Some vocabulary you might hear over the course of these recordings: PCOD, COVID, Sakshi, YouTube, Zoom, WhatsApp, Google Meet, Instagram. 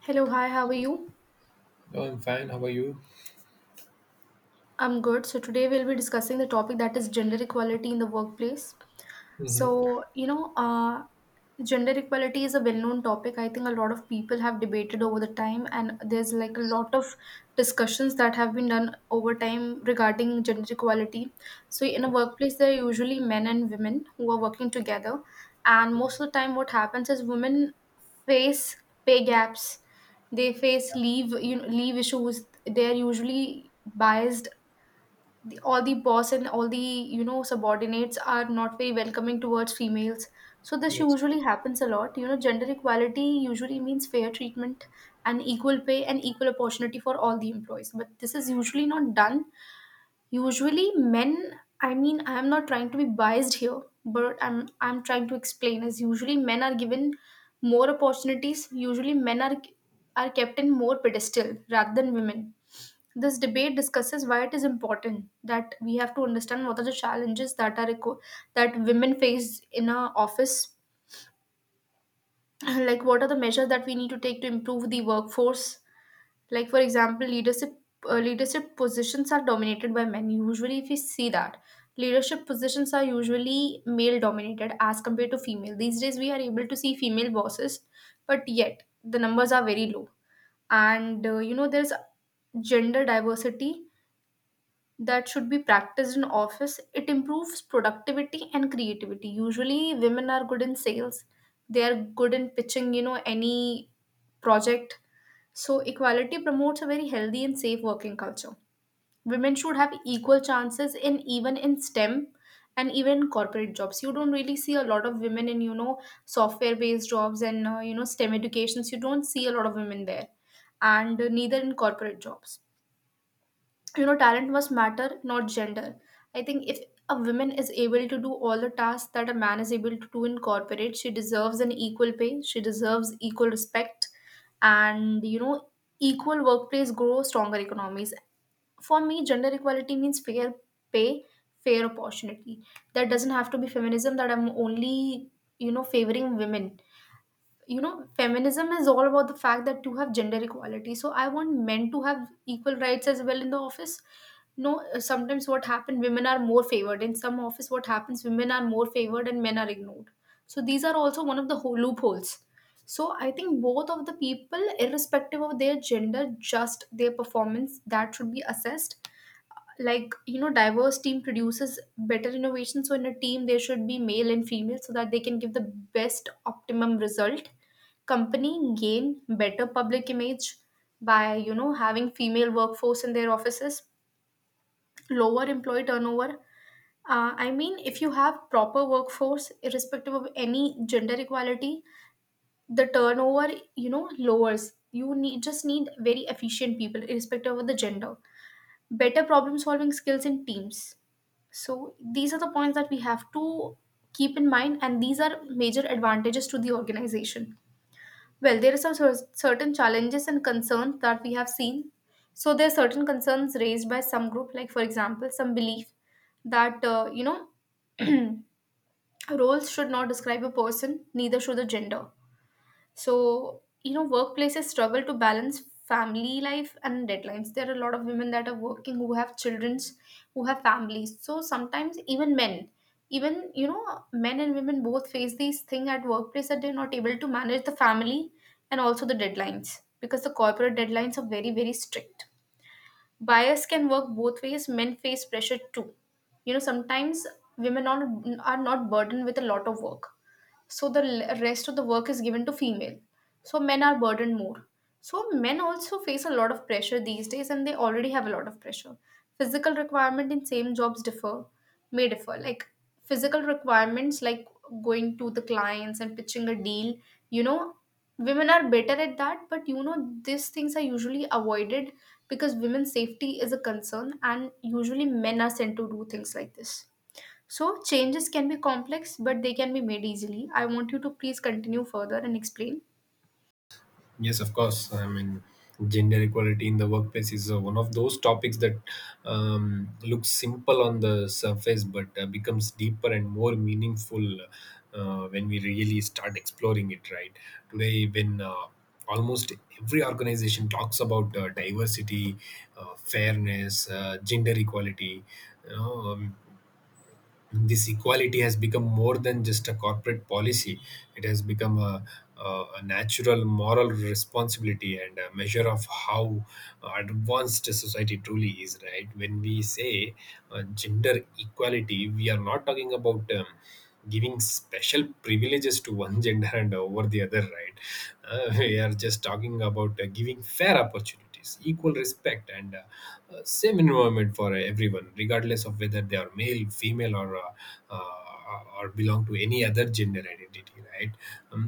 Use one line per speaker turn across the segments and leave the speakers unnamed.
Hello, hi, how are you?
Oh, I'm fine. How are you?
I'm good. So, today we'll be discussing the topic that is gender equality in the workplace.
Mm-hmm.
So, you know, uh, Gender equality is a well-known topic. I think a lot of people have debated over the time, and there's like a
Yes,
lot of discussions that have been done over time regarding gender equality. So,
of
in a
course.
workplace, there are usually men and women who are working together, and most of the time, what happens is women face pay gaps. They face leave issues. They are usually biased. All the boss and all the subordinates are not very welcoming towards females. So this
Yes.
usually happens a lot. Gender equality usually means fair treatment and equal pay and equal opportunity for all the employees, but this is usually not done. Usually men, I mean, I am not trying to be biased here, but I'm trying to explain is usually men are given more opportunities. Usually men are kept in more pedestal rather than women. This debate discusses why it is important that we have to understand what are the challenges that women face in a office, like what are the measures that we need to take to improve the workforce. Like for example, leadership positions are dominated by men. Usually, if we see that leadership positions are usually male dominated as compared to female. These days, we are able to see female bosses, but yet the numbers are very low. There's gender diversity that should be practiced in office. It improves productivity and creativity. Usually women are good in sales. They are good in pitching any project. So equality promotes a very healthy and safe working culture. Women should have equal chances in, even in STEM and even in corporate jobs. You don't really see a lot of women in, software based jobs, and STEM educations. You don't see a lot of women there, and neither in corporate jobs. Talent must matter, not gender. I think if a woman is able to do all the tasks that a man is able to do in corporate, she deserves an equal pay, she deserves equal respect, and equal workplace grow stronger economies. For me, gender equality means fair pay, fair opportunity. That doesn't have to be feminism, that I'm only favoring women. Feminism is all about the fact that you have gender equality. So I want men to have equal rights as well in the office. No Sometimes what happened, women are more favored in some office. What happens, women are more favored and men are ignored. So these are also one of the loopholes. So I think both of the people, irrespective of their gender, just their performance, that should be assessed. You know, diverse team produces better innovation. So in a team there should be male and female so that they can give the best optimum result. Company gain better public image by having female workforce in their offices. Lower employee turnover. I mean, if you have proper workforce irrespective of any gender equality, the turnover lowers. You need, just need very efficient people irrespective of the gender. Better problem solving skills in teams. So these are the points that we have to keep in mind, and these are major advantages to the organization. Well, there are some certain challenges and concerns that we have seen. So there are certain concerns raised by some group, like for example, some belief that roles should not describe a person, neither should the gender. So, workplaces struggle to balance family life and deadlines. There are a lot of women that are working who have children's, who have families. So sometimes even men, even men and women both face these thing at workplace, that they're not able to manage the family and also the deadlines, because the corporate deadlines are very, very strict. Bias can work both ways. Men face pressure too. Sometimes women are not burdened with a lot of work, so the rest of the work is given to female, so men are burdened more. So men also face a lot of pressure these days, and they already have a lot of pressure. Physical requirement in same jobs differ, may differ, like physical requirements like going to the clients and pitching a deal. you know Women are better at that, but you know, these things are usually avoided because women's safety is a concern, and usually men are sent to do things like this. So changes can be complex, but they can be made easily. I want you to please continue further and explain.
Yes, of course. I mean, gender equality in the workplace is one of those topics that looks simple on the surface, but becomes deeper and more meaningful when we really start exploring it. Right today, when almost every organization talks about diversity, fairness, gender equality, you know, this equality has become more than just a corporate policy. It has become a natural moral responsibility and a measure of how advanced a society truly is. Right, when we say gender equality, we are not talking about giving special privileges to one gender and over the other, right? We are just talking about giving fair opportunities, equal respect, and same environment for everyone, regardless of whether they are male, female, uh, or belong to any other gender identity, right? Um,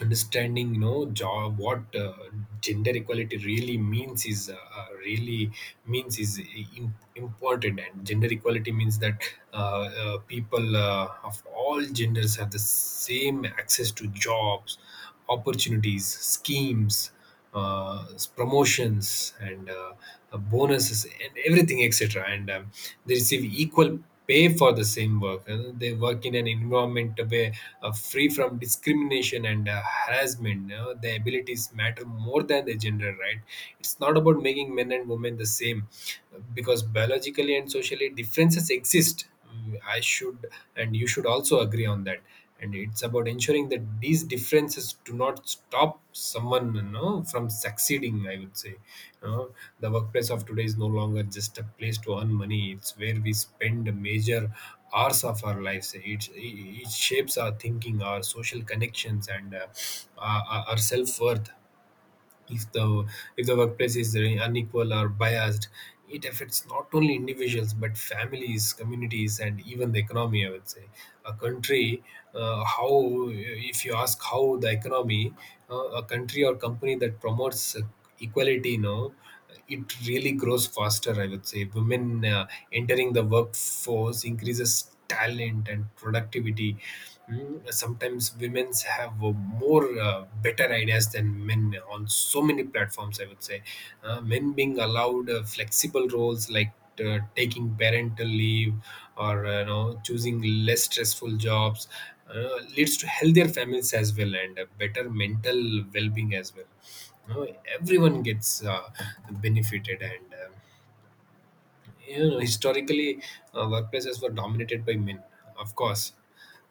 understanding you know job what gender equality really means is im- important, and gender equality means that uh, people of all genders have the same access to jobs, opportunities, schemes, uh, promotions, and bonuses, and everything, etc. And they receive equal pay for the same work. And they work in an environment where free from discrimination and harassment. You, their abilities matter more than their gender, right? It's not about making men and women the same, because biologically and socially differences exist. I should, and you should also agree on that. And it's about ensuring that these differences do not stop someone, you know, from succeeding. I would say, you know, the workplace of today is no longer just a place to earn money. It's where we spend major hours of our lives. It shapes our thinking, our social connections, and our self worth. If the if the workplace is unequal or biased, it affects not only individuals but families, communities, and even the economy. I would say a country, how, if you ask how the economy, a country or company that promotes equality, you know, it really grows faster. I would say women entering the workforce increases talent and productivity. Mm, sometimes women have more better ideas than men on so many platforms, I would say. Men being allowed flexible roles like taking parental leave or you know choosing less stressful jobs leads to healthier families as well, and better mental well-being as well. You know, everyone gets benefited. And you know, historically, workplaces were dominated by men, of course,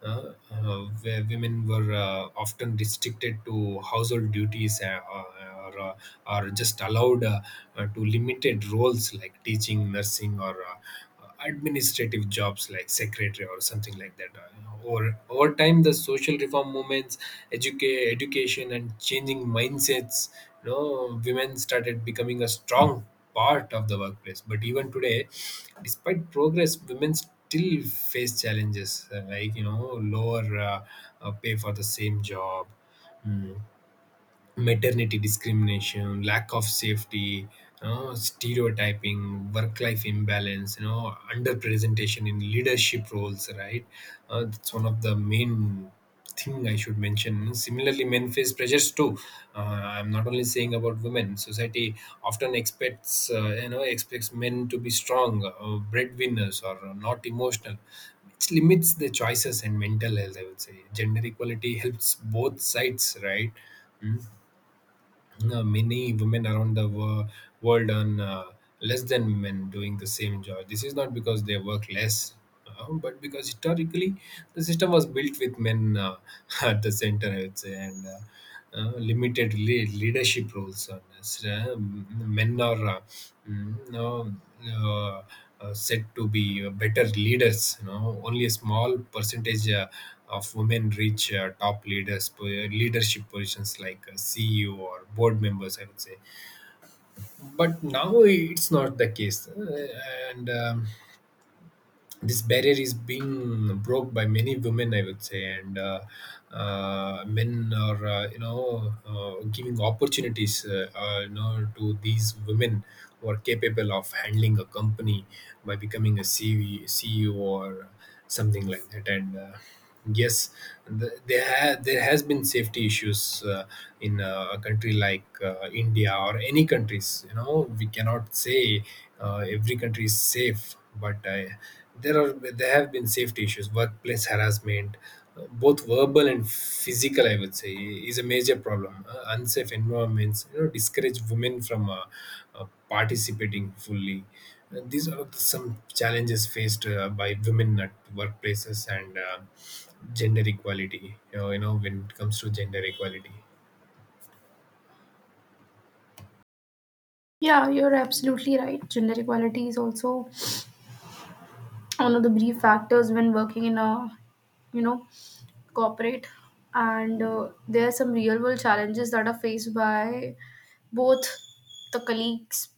where women were often restricted to household duties, or, uh, or just allowed to limited roles like teaching, nursing, or administrative jobs like secretary or something like that. Or over time, the social reform movements, education, and changing mindsets, you know, women started becoming a strong part of the workplace. But even today, despite progress, women still face challenges like you know lower pay for the same job, mm, maternity discrimination, lack of safety, you know, stereotyping, work-life imbalance, you know, underrepresentation in leadership roles, right? That's one of the main thing I should mention. Similarly, men face pressures too. I'm not only saying about women. Society often expects, you know, expects men to be strong, breadwinners, or not emotional, which limits the choices and mental health. I would say gender equality helps both sides, right? Hmm. Many women around the world earn less than men doing the same job. This is not because they work less, but because historically the system was built with men at the center, I would say, and limited leadership roles. On this. Men are mm, no, uh, said to be better leaders. You know, only a small percentage of women reach top leaders leadership positions like ceo or board members, I would say. But now it's not the case. And this barrier is being broke by many women, I would say. And men are you know giving opportunities you know to these women who are capable of handling a company by becoming a CV, ceo or something like that. And yes, there has been safety issues in a country like india or any countries. You know, we cannot say every country is safe, but there have been safety issues. Workplace harassment, both verbal and physical, I would say, is a major problem. Unsafe environments, you know, discourage women from uh, participating fully. These are some challenges faced by women at workplaces, and gender equality, you know when it comes to gender equality.
Yeah, you're absolutely right. Gender equality is also one of the brief factors when working in a, you know corporate. And there are some real world challenges that are faced by both the colleagues,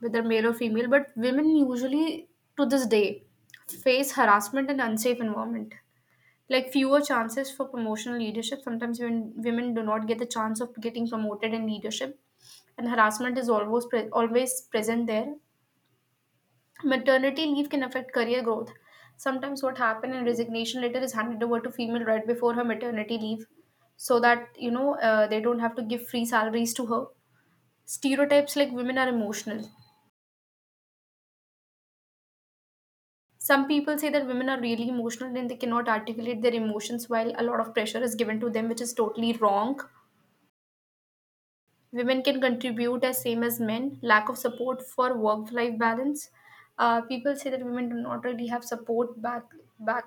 whether male or female, but women usually, to this day, face harassment and unsafe environment. Like fewer chances for promotional leadership. Sometimes when women do not get the chance of getting promoted in leadership, and harassment is always present there. Maternity leave can affect career growth. Sometimes what happened, in resignation letter is handed over to female right before her maternity leave, so that they don't have to give free salaries to her. Stereotypes like women are emotional. Some people say that women are really emotional and they cannot articulate their emotions while a lot of pressure is given to them, which is totally wrong. Women can contribute as same as men. Lack of support for work-life balance. People say that women do not really have support back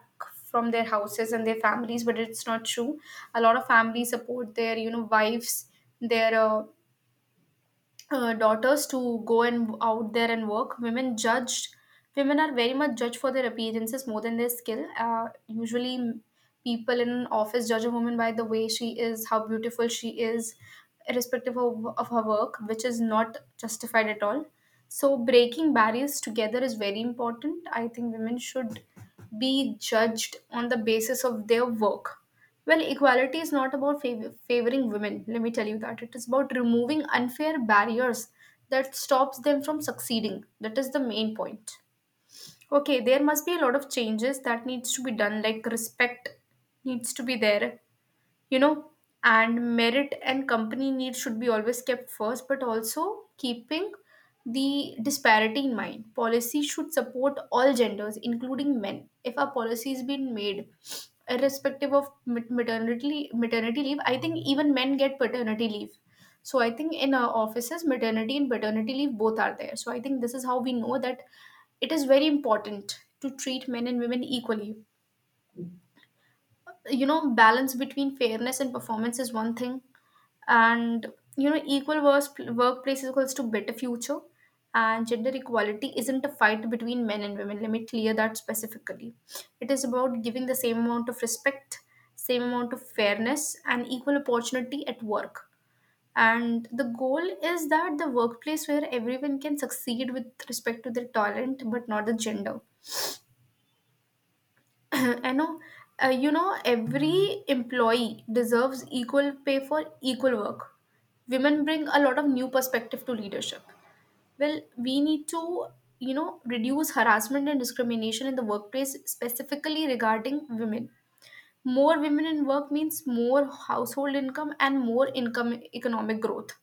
from their houses and their families, but it's not true. A lot of families support their wives, their daughters to go and out there and work. Women judged, women are very much judged for their appearances more than their skill. People in an office judge a woman by the way she is, how beautiful she is, irrespective of her work, which is not justified at all. So breaking barriers together is very important. I think women should be judged on the basis of their work. Well, equality is not about favoring women. Let me tell you that it is about removing unfair barriers that stops them from succeeding. That is the main point. Okay, there must be a lot of changes that needs to be done, like respect needs to be there, you know and merit and company needs should be always kept first, but also keeping the disparity in mind. Policy should support all genders including men. If a policy has been made irrespective of maternity maternity leave, I think even men get paternity leave. So I think in our offices maternity and paternity leave both are there, so I think this is how we know that it is very important to treat men and women equally. Balance between fairness and performance is one thing, and equal work, workplace equals to better future. And gender equality isn't a fight between men and women, let me clear that specifically. It is about giving the same amount of respect, same amount of fairness and equal opportunity at work. And the goal is that the workplace where everyone can succeed with respect to their talent but not the gender. I know, every employee deserves equal pay for equal work. Women bring a lot of new perspective to leadership. Well, we need to, reduce harassment and discrimination in the workplace, specifically regarding women. More women in work means more household income and more income economic growth.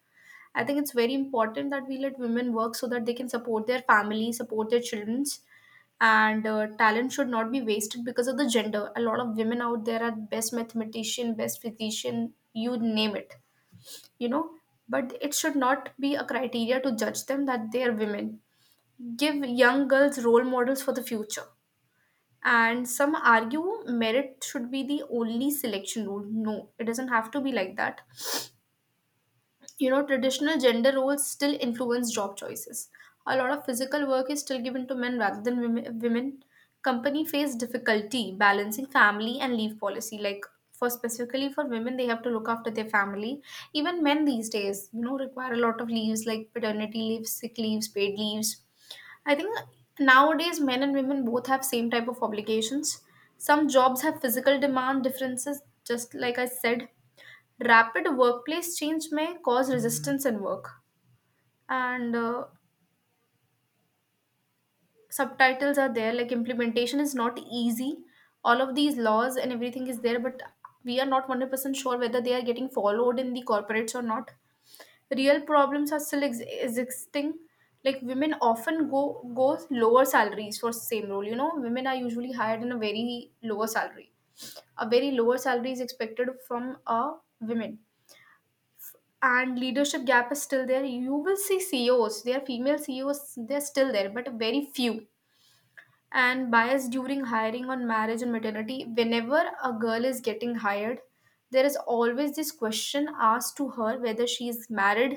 I think it's very important that we let women work so that they can support their family, support their children, and talent should not be wasted because of the gender. A lot of women out there are best mathematician, best physician, you name it, you know but it should not be a criteria to judge them that they are women. Give young girls role models for the future. And some argue merit should be the only selection rule. No, it doesn't have to be like that. Traditional gender roles still influence job choices. A lot of physical work is still given to men rather than women. Company face difficulty balancing family and leave policy, like for specifically for women, they have to look after their family. Even men these days, require a lot of leaves like paternity leaves, sick leaves, paid leaves. I think nowadays men and women both have same type of obligations. Some jobs have physical demand differences, just like I said. Rapid workplace change may cause resistance in work. And Subtitles are there, like implementation is not easy. All of these laws and everything is there, but we are not 100% sure whether they are getting followed in the corporates or not. Real problems are still existing. Like women often go lower salaries for same role. You know, women are usually hired in a very lower salary. A very lower salary is expected from a women. And leadership gap is still there. You will see ceos, they are female ceos, they're still there, but very few. And bias during hiring on marriage and maternity, whenever a girl is getting hired, there is always this question asked to her whether she is married,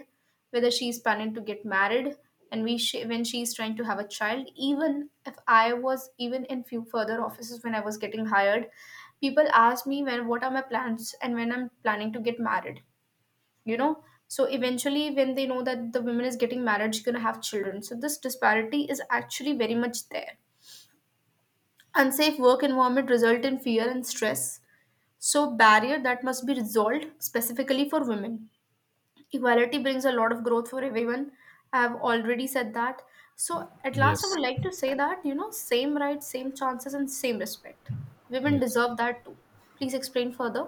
whether she is planning to get married, and when she is trying to have a child. Even if I was, even in few further offices when I was getting hired, people ask me when, what are my plans and when I'm planning to get married, you know. So eventually when they know that the woman is getting married, she's going to have children, so this disparity is actually very much there. Unsafe work environment result in fear and stress. So barrier that must be resolved specifically for women. Equality brings a lot of growth for everyone. I have already said that. So at last I
Yes.
would like to say that, you know, same rights, same chances and same respect. Women
Yes.
deserve that too. Please explain further.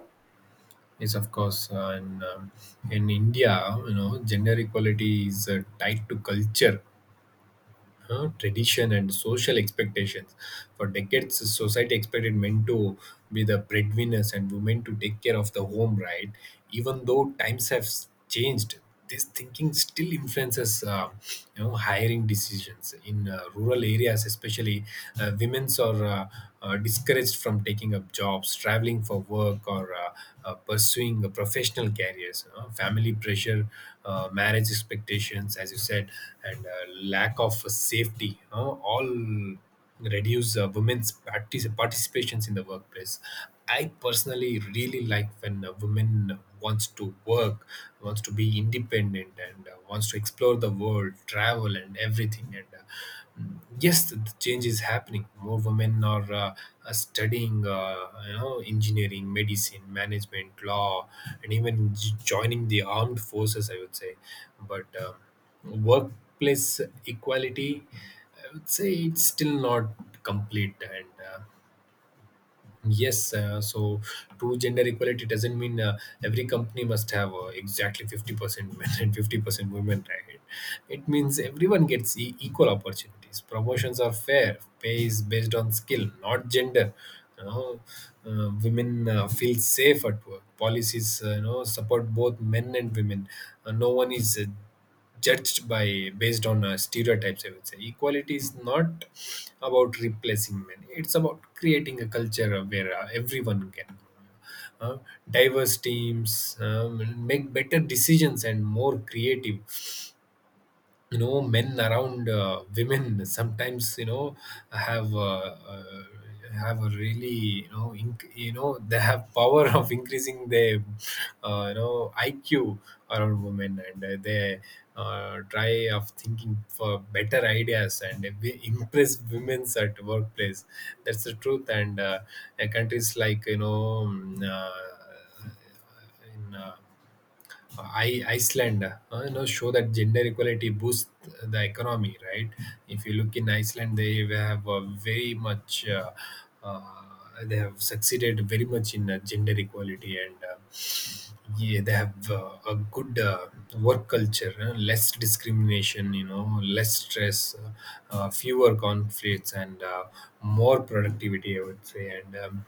Yes, of course. And in India, you know, gender equality is tied to culture, tradition, and social expectations. For decades, society expected men to be the breadwinners and women to take care of the home, right? Even though times have changed, this thinking still influences you know hiring decisions in rural areas especially. Women's are discouraged from taking up jobs, traveling for work or pursuing a professional careers, you know, family pressure, marriage expectations as you said, and lack of safety, you know, all reduce women's participations in the workplace. I personally really like when a woman wants to work, wants to be independent, and wants to explore the world, travel, and everything. And mm, yes, the change is happening. More women are studying you know engineering, medicine, management, law, and even joining the armed forces, I would say. But um, workplace equality, I would say, it's still not complete. And yes, so true gender equality doesn't mean every company must have exactly 50% men and 50% women, right? It means everyone gets e- equal opportunities. Promotions are fair, pay is based on skill, not gender. You know, women feel safe at work. Policies, you know, support both men and women. No one is judged by based on stereotypes. I would say equality is not about replacing men. It's about creating a culture of where everyone can uh, diverse teams make better decisions and more creative. You know, men around women sometimes you know have uh, uh, have a really you know you know they have power of increasing their you know IQ around women. And they try of thinking for better ideas, and they impress women's at workplace. That's the truth. And countries like you know mm, in uh, Iceland, you know, show that gender equality boosts the economy, right? If you look in Iceland, they have very much, uh, they have succeeded very much in gender equality, and yeah, they have a good work culture, less discrimination, you know, less stress, fewer conflicts, and more productivity, I would say. And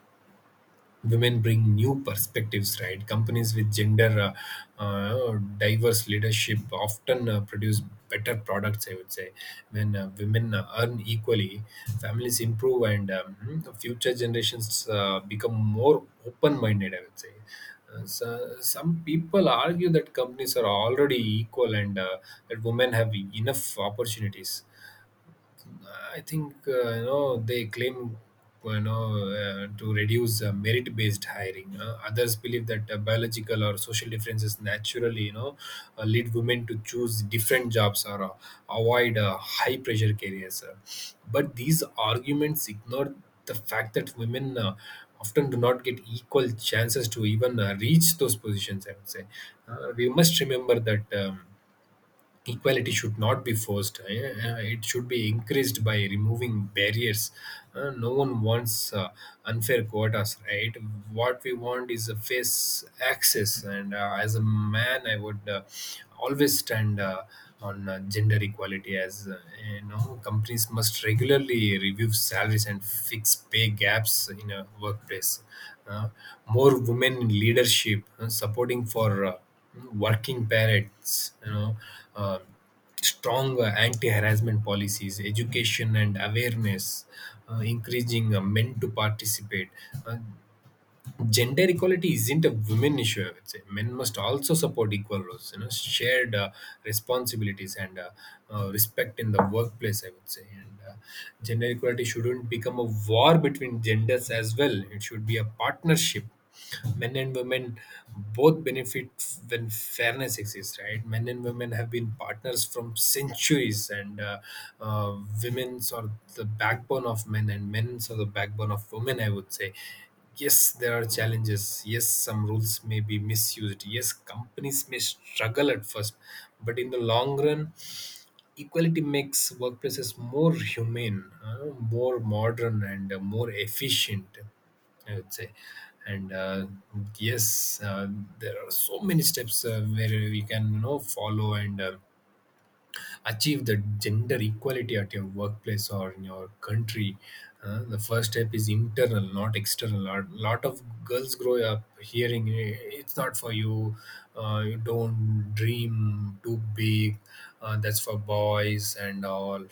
women bring new perspectives, right? Companies with gender diverse leadership often produce better products, I would say. When women earn equally, families improve, and future generations become more open minded, I would say. So some people argue that companies are already equal, and that women have enough opportunities. I think you know they claim, you know, to reduce merit-based hiring. Others believe that biological or social differences naturally you know lead women to choose different jobs or avoid high-pressure careers. But these arguments ignore the fact that women often do not get equal chances to even reach those positions. I would say we must remember that. Equality should not be forced, it should be increased by removing barriers. No one wants uh, unfair quotas, right? What we want is a face access. And as a man, I would always stand on gender equality as you know companies must regularly review salaries and fix pay gaps in a workplace. Uh, More women in leadership, supporting for working parents, you know, uh, strong anti-harassment policies, education and awareness, encouraging men to participate. Uh, Gender equality isn't a women issue, I would say. Men must also support equal roles, you know, shared responsibilities and respect in the workplace, I would say. And Gender equality shouldn't become a war between genders as well. It should be a partnership. Men and women both benefit when fairness exists, right? Men and women have been partners from centuries, and uh, women's are the backbone of men and men's are the backbone of women, I would say. Yes, there are challenges. Yes, some rules may be misused. Yes, companies may struggle at first, but in the long run, equality makes workplaces more humane, more modern, and more efficient. I would say, and yes, uh, there are so many steps where we can, you know, follow and achieve the gender equality at your workplace or in your country. Uh, the first step is internal, not external. A lot of girls grow up hearing, "Eh, it's not for you. You don't dream too big. That's for boys and all.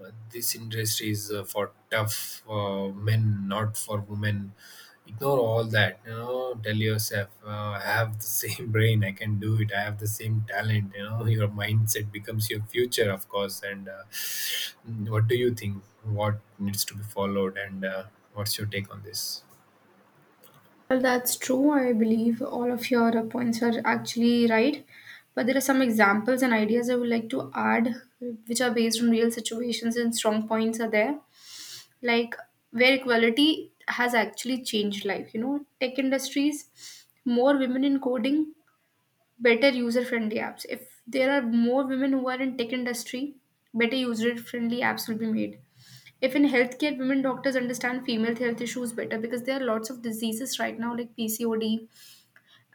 This industry is for tough men, not for women." Ignore all that, you know. Tell yourself, I have the same brain, I can do it, I have the same talent, you know. Your mindset becomes your future, of course. And What do you think? What needs to be followed? And What's your take on this?
Well, that's true. I believe all of your points are actually right. But there are some examples and ideas I would like to add, which are based on real situations and strong points are there. Like where equality has actually changed life. You know, tech industries, more women in coding, better user-friendly apps. If there are more women who are in tech industry, better user-friendly apps will be made. If in healthcare, women doctors understand female health issues better, because there are lots of diseases right now like PCOD,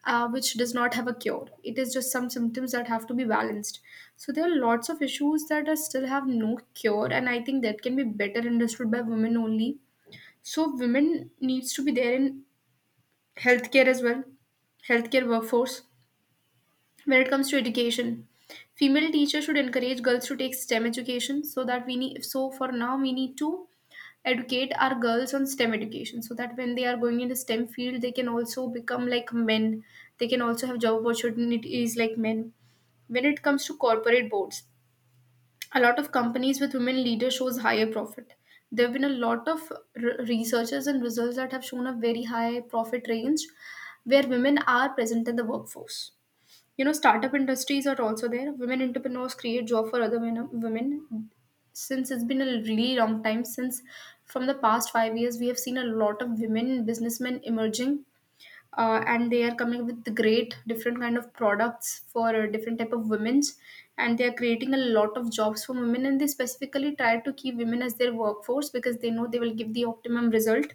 which does not have a cure. It is just some symptoms that have to be balanced. So there are lots of issues that are still have no cure, and I think that can be better understood by women only. So women needs to be there in healthcare as well, healthcare workforce. When it comes to education, female teachers should encourage girls to take STEM education so that we need. So for now, we need to educate our girls on STEM education so that when they are going into STEM field, they can also become like men. They can also have job opportunities like men. When it comes to corporate boards, a lot of companies with women leaders shows higher profit. There have been a lot of researchers and results that have shown a very high profit range where women are present in the workforce. You know, startup industries are also there. Women entrepreneurs create job for other women. Since it's been a really long time, since from the past 5 years, we have seen a lot of women businessmen emerging, and they are coming with the great different kind of products for different type of women's, and they are creating a lot of jobs for women. And they specifically try to keep women as their workforce because they know they will give the optimum result.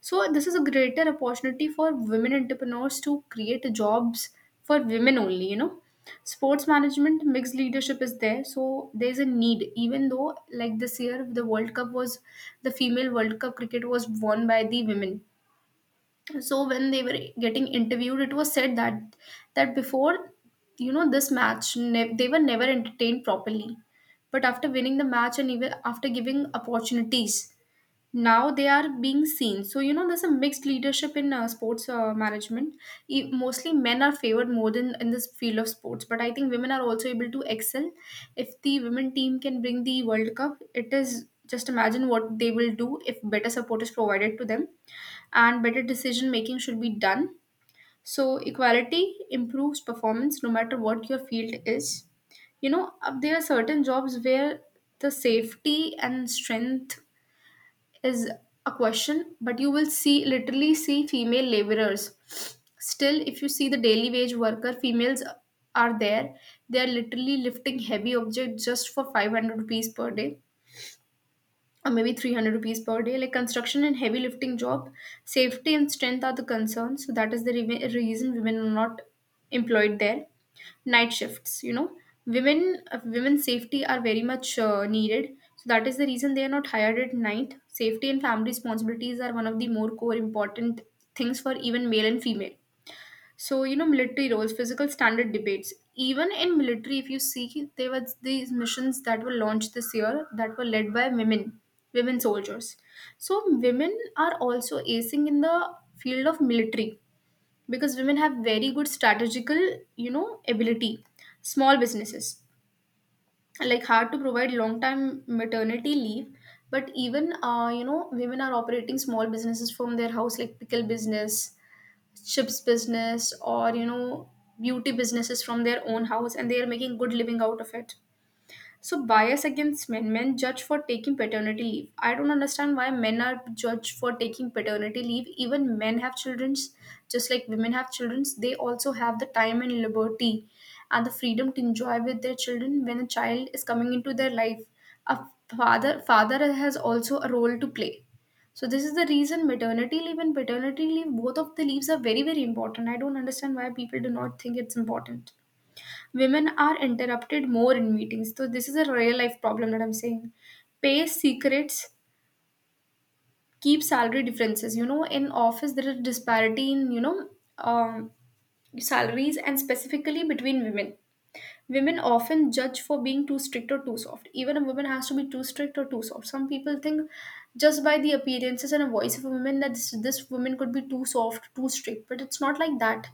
So this is a greater opportunity for women entrepreneurs to create jobs for women only, you know. Sports management, mixed leadership is there. So there's a need. Even though like this year the World Cup was, the female World Cup cricket was won by the women. So when they were getting interviewed, it was said that, that before, you know, they were never entertained properly. But after winning the match and even after giving opportunities, now they are being seen. So you know, there's a mixed leadership in sports management. Mostly men are favored more than in this field of sports, but I think women are also able to excel. If the women team can bring the world cup, it is just imagine what they will do if better support is provided to them and better decision making should be done. So equality improves performance no matter what your field is. You know, there are certain jobs where the safety and strength is a question, but you will see literally see female laborers. Still if you see the daily wage worker, females are there. They are literally lifting heavy objects just for 500 rupees per day, or maybe 300 rupees per day, like construction and heavy lifting job. Safety and strength are the concerns, so that is the reason women are not employed there. Night shifts, you know, women, women's safety are very much needed. So that is the reason they are not hired at night. Safety and family responsibilities are one of the more core important things for even male and female. So, you know, military roles, physical standard debates. Even in military, if you see, there were these missions that were launched this year that were led by women, women soldiers. So, women are also acing in the field of military, because women have very good strategical, you know, ability. Small businesses like hard to provide long time maternity leave, but even you know, women are operating small businesses from their house, like pickle business, ships business, or you know, beauty businesses from their own house, and they are making good living out of it. So bias against men, men judge for taking paternity leave. I don't understand why men are judged for taking paternity leave. Even men have childrens, just like women have childrens. They also have the time and liberty and the freedom to enjoy with their children when a child is coming into their life. A father has also a role to play. So this is the reason maternity leave and paternity leave, both of the leaves are very, very important. I don't understand why people do not think it's important. Women are interrupted more in meetings. So this is a real life problem that I'm saying. Pay secrets, keep salary differences. You know, in office there is disparity in, you know, um, salaries and specifically between women. Women often judge for being too strict or too soft. Even a woman has to be too strict or too soft. Some people think just by the appearances and a voice of a woman that this woman could be too soft, too strict, but it's not like that.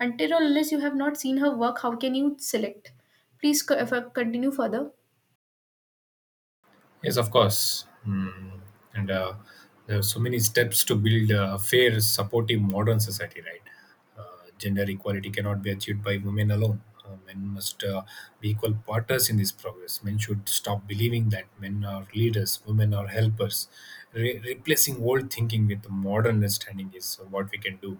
Until or unless you have not seen her work, how can you select? If I continue further.
Yes, of course. Mm. And There are so many steps to build a fair, supportive, modern society, right? Gender equality cannot be achieved by women alone. Men must be equal partners in this progress. Men should stop believing that men are leaders, women are helpers. Replacing old thinking with modern understanding is what we can do.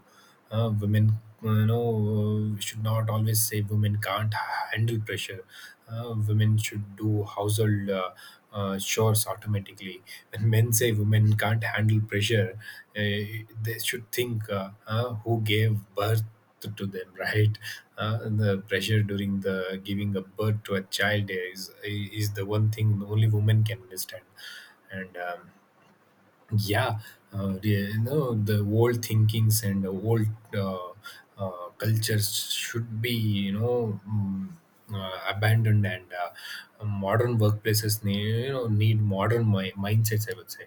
Women, you know, should not always say women can't handle pressure. Women should do household chores automatically. When men say women can't handle pressure, they should think who gave birth to them, right? The pressure during the giving a birth to a child is the one thing only women can understand, and yeah, the, you know, the old thinkings and old uh, cultures should be, you know, abandoned, and modern workplaces need, you know, need modern mindsets, I would say.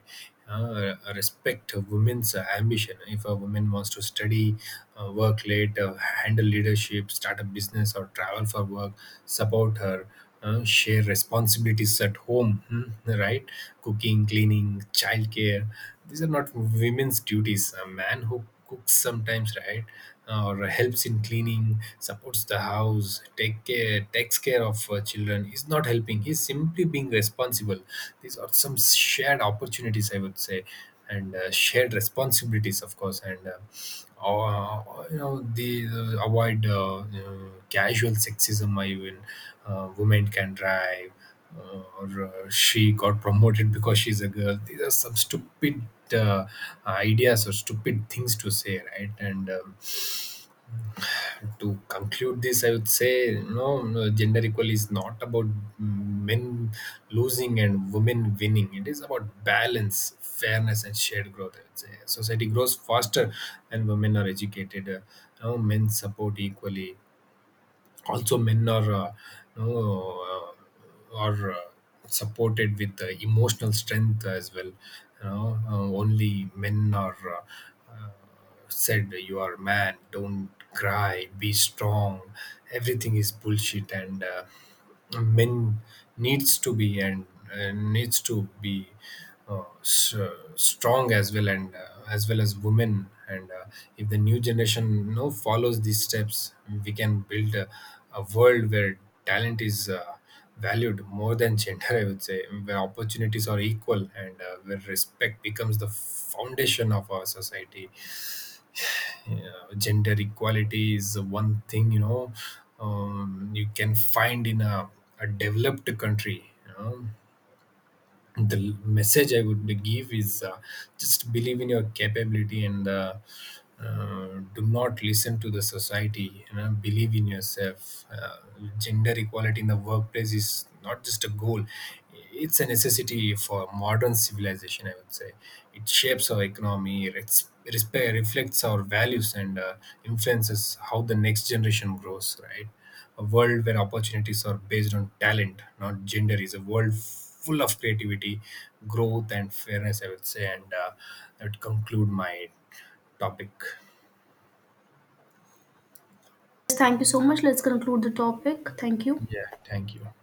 Respect a women's ambition. If a woman wants to study, work late, handle leadership, start a business, or travel for work, support her. Share responsibilities at home, hmm, right? Cooking, cleaning, childcare. These are not women's duties. A man who cooks sometimes, right? Or helps in cleaning, supports the house, takes care of children. He's not helping. He's simply being responsible. These are some shared opportunities, I would say, and shared responsibilities, of course, and or you know the avoid you know, casual sexism. I even, women can drive, or she got promoted because she's a girl, these are some stupid uh, ideas or stupid things to say, right? And to conclude this, I would say, no, no, gender equal is not about men losing and women winning. It is about balance, fairness, and shared growth. I would say society grows faster when women are educated. No, Men support equally. Also, men are no, are supported with emotional strength as well. You know, only men are. Uh, uh, Said, you are a man, don't cry, be strong, everything is bullshit. And men needs to be and needs to be uh, s- strong as well and as well as women. And if the new generation, you know, follows these steps, we can build a world where talent is valued more than gender, I would say, where opportunities are equal, and where respect becomes the foundation of our society. Gender equality is one thing, you know, you can find in a developed country, you know. The message I would give is, just believe in your capability, and uh, do not listen to the society. You know, believe in yourself. Gender equality in the workplace is not just a goal; it's a necessity for modern civilization, I would say. It shapes our economy, reflects our values, and influences how the next generation grows. Right. A world where opportunities are based on talent, not gender, is a world full of creativity, growth, and fairness, I would say. And that would conclude my topic.
Thank you so much. Let's conclude the topic. Thank you.
Yeah, thank you.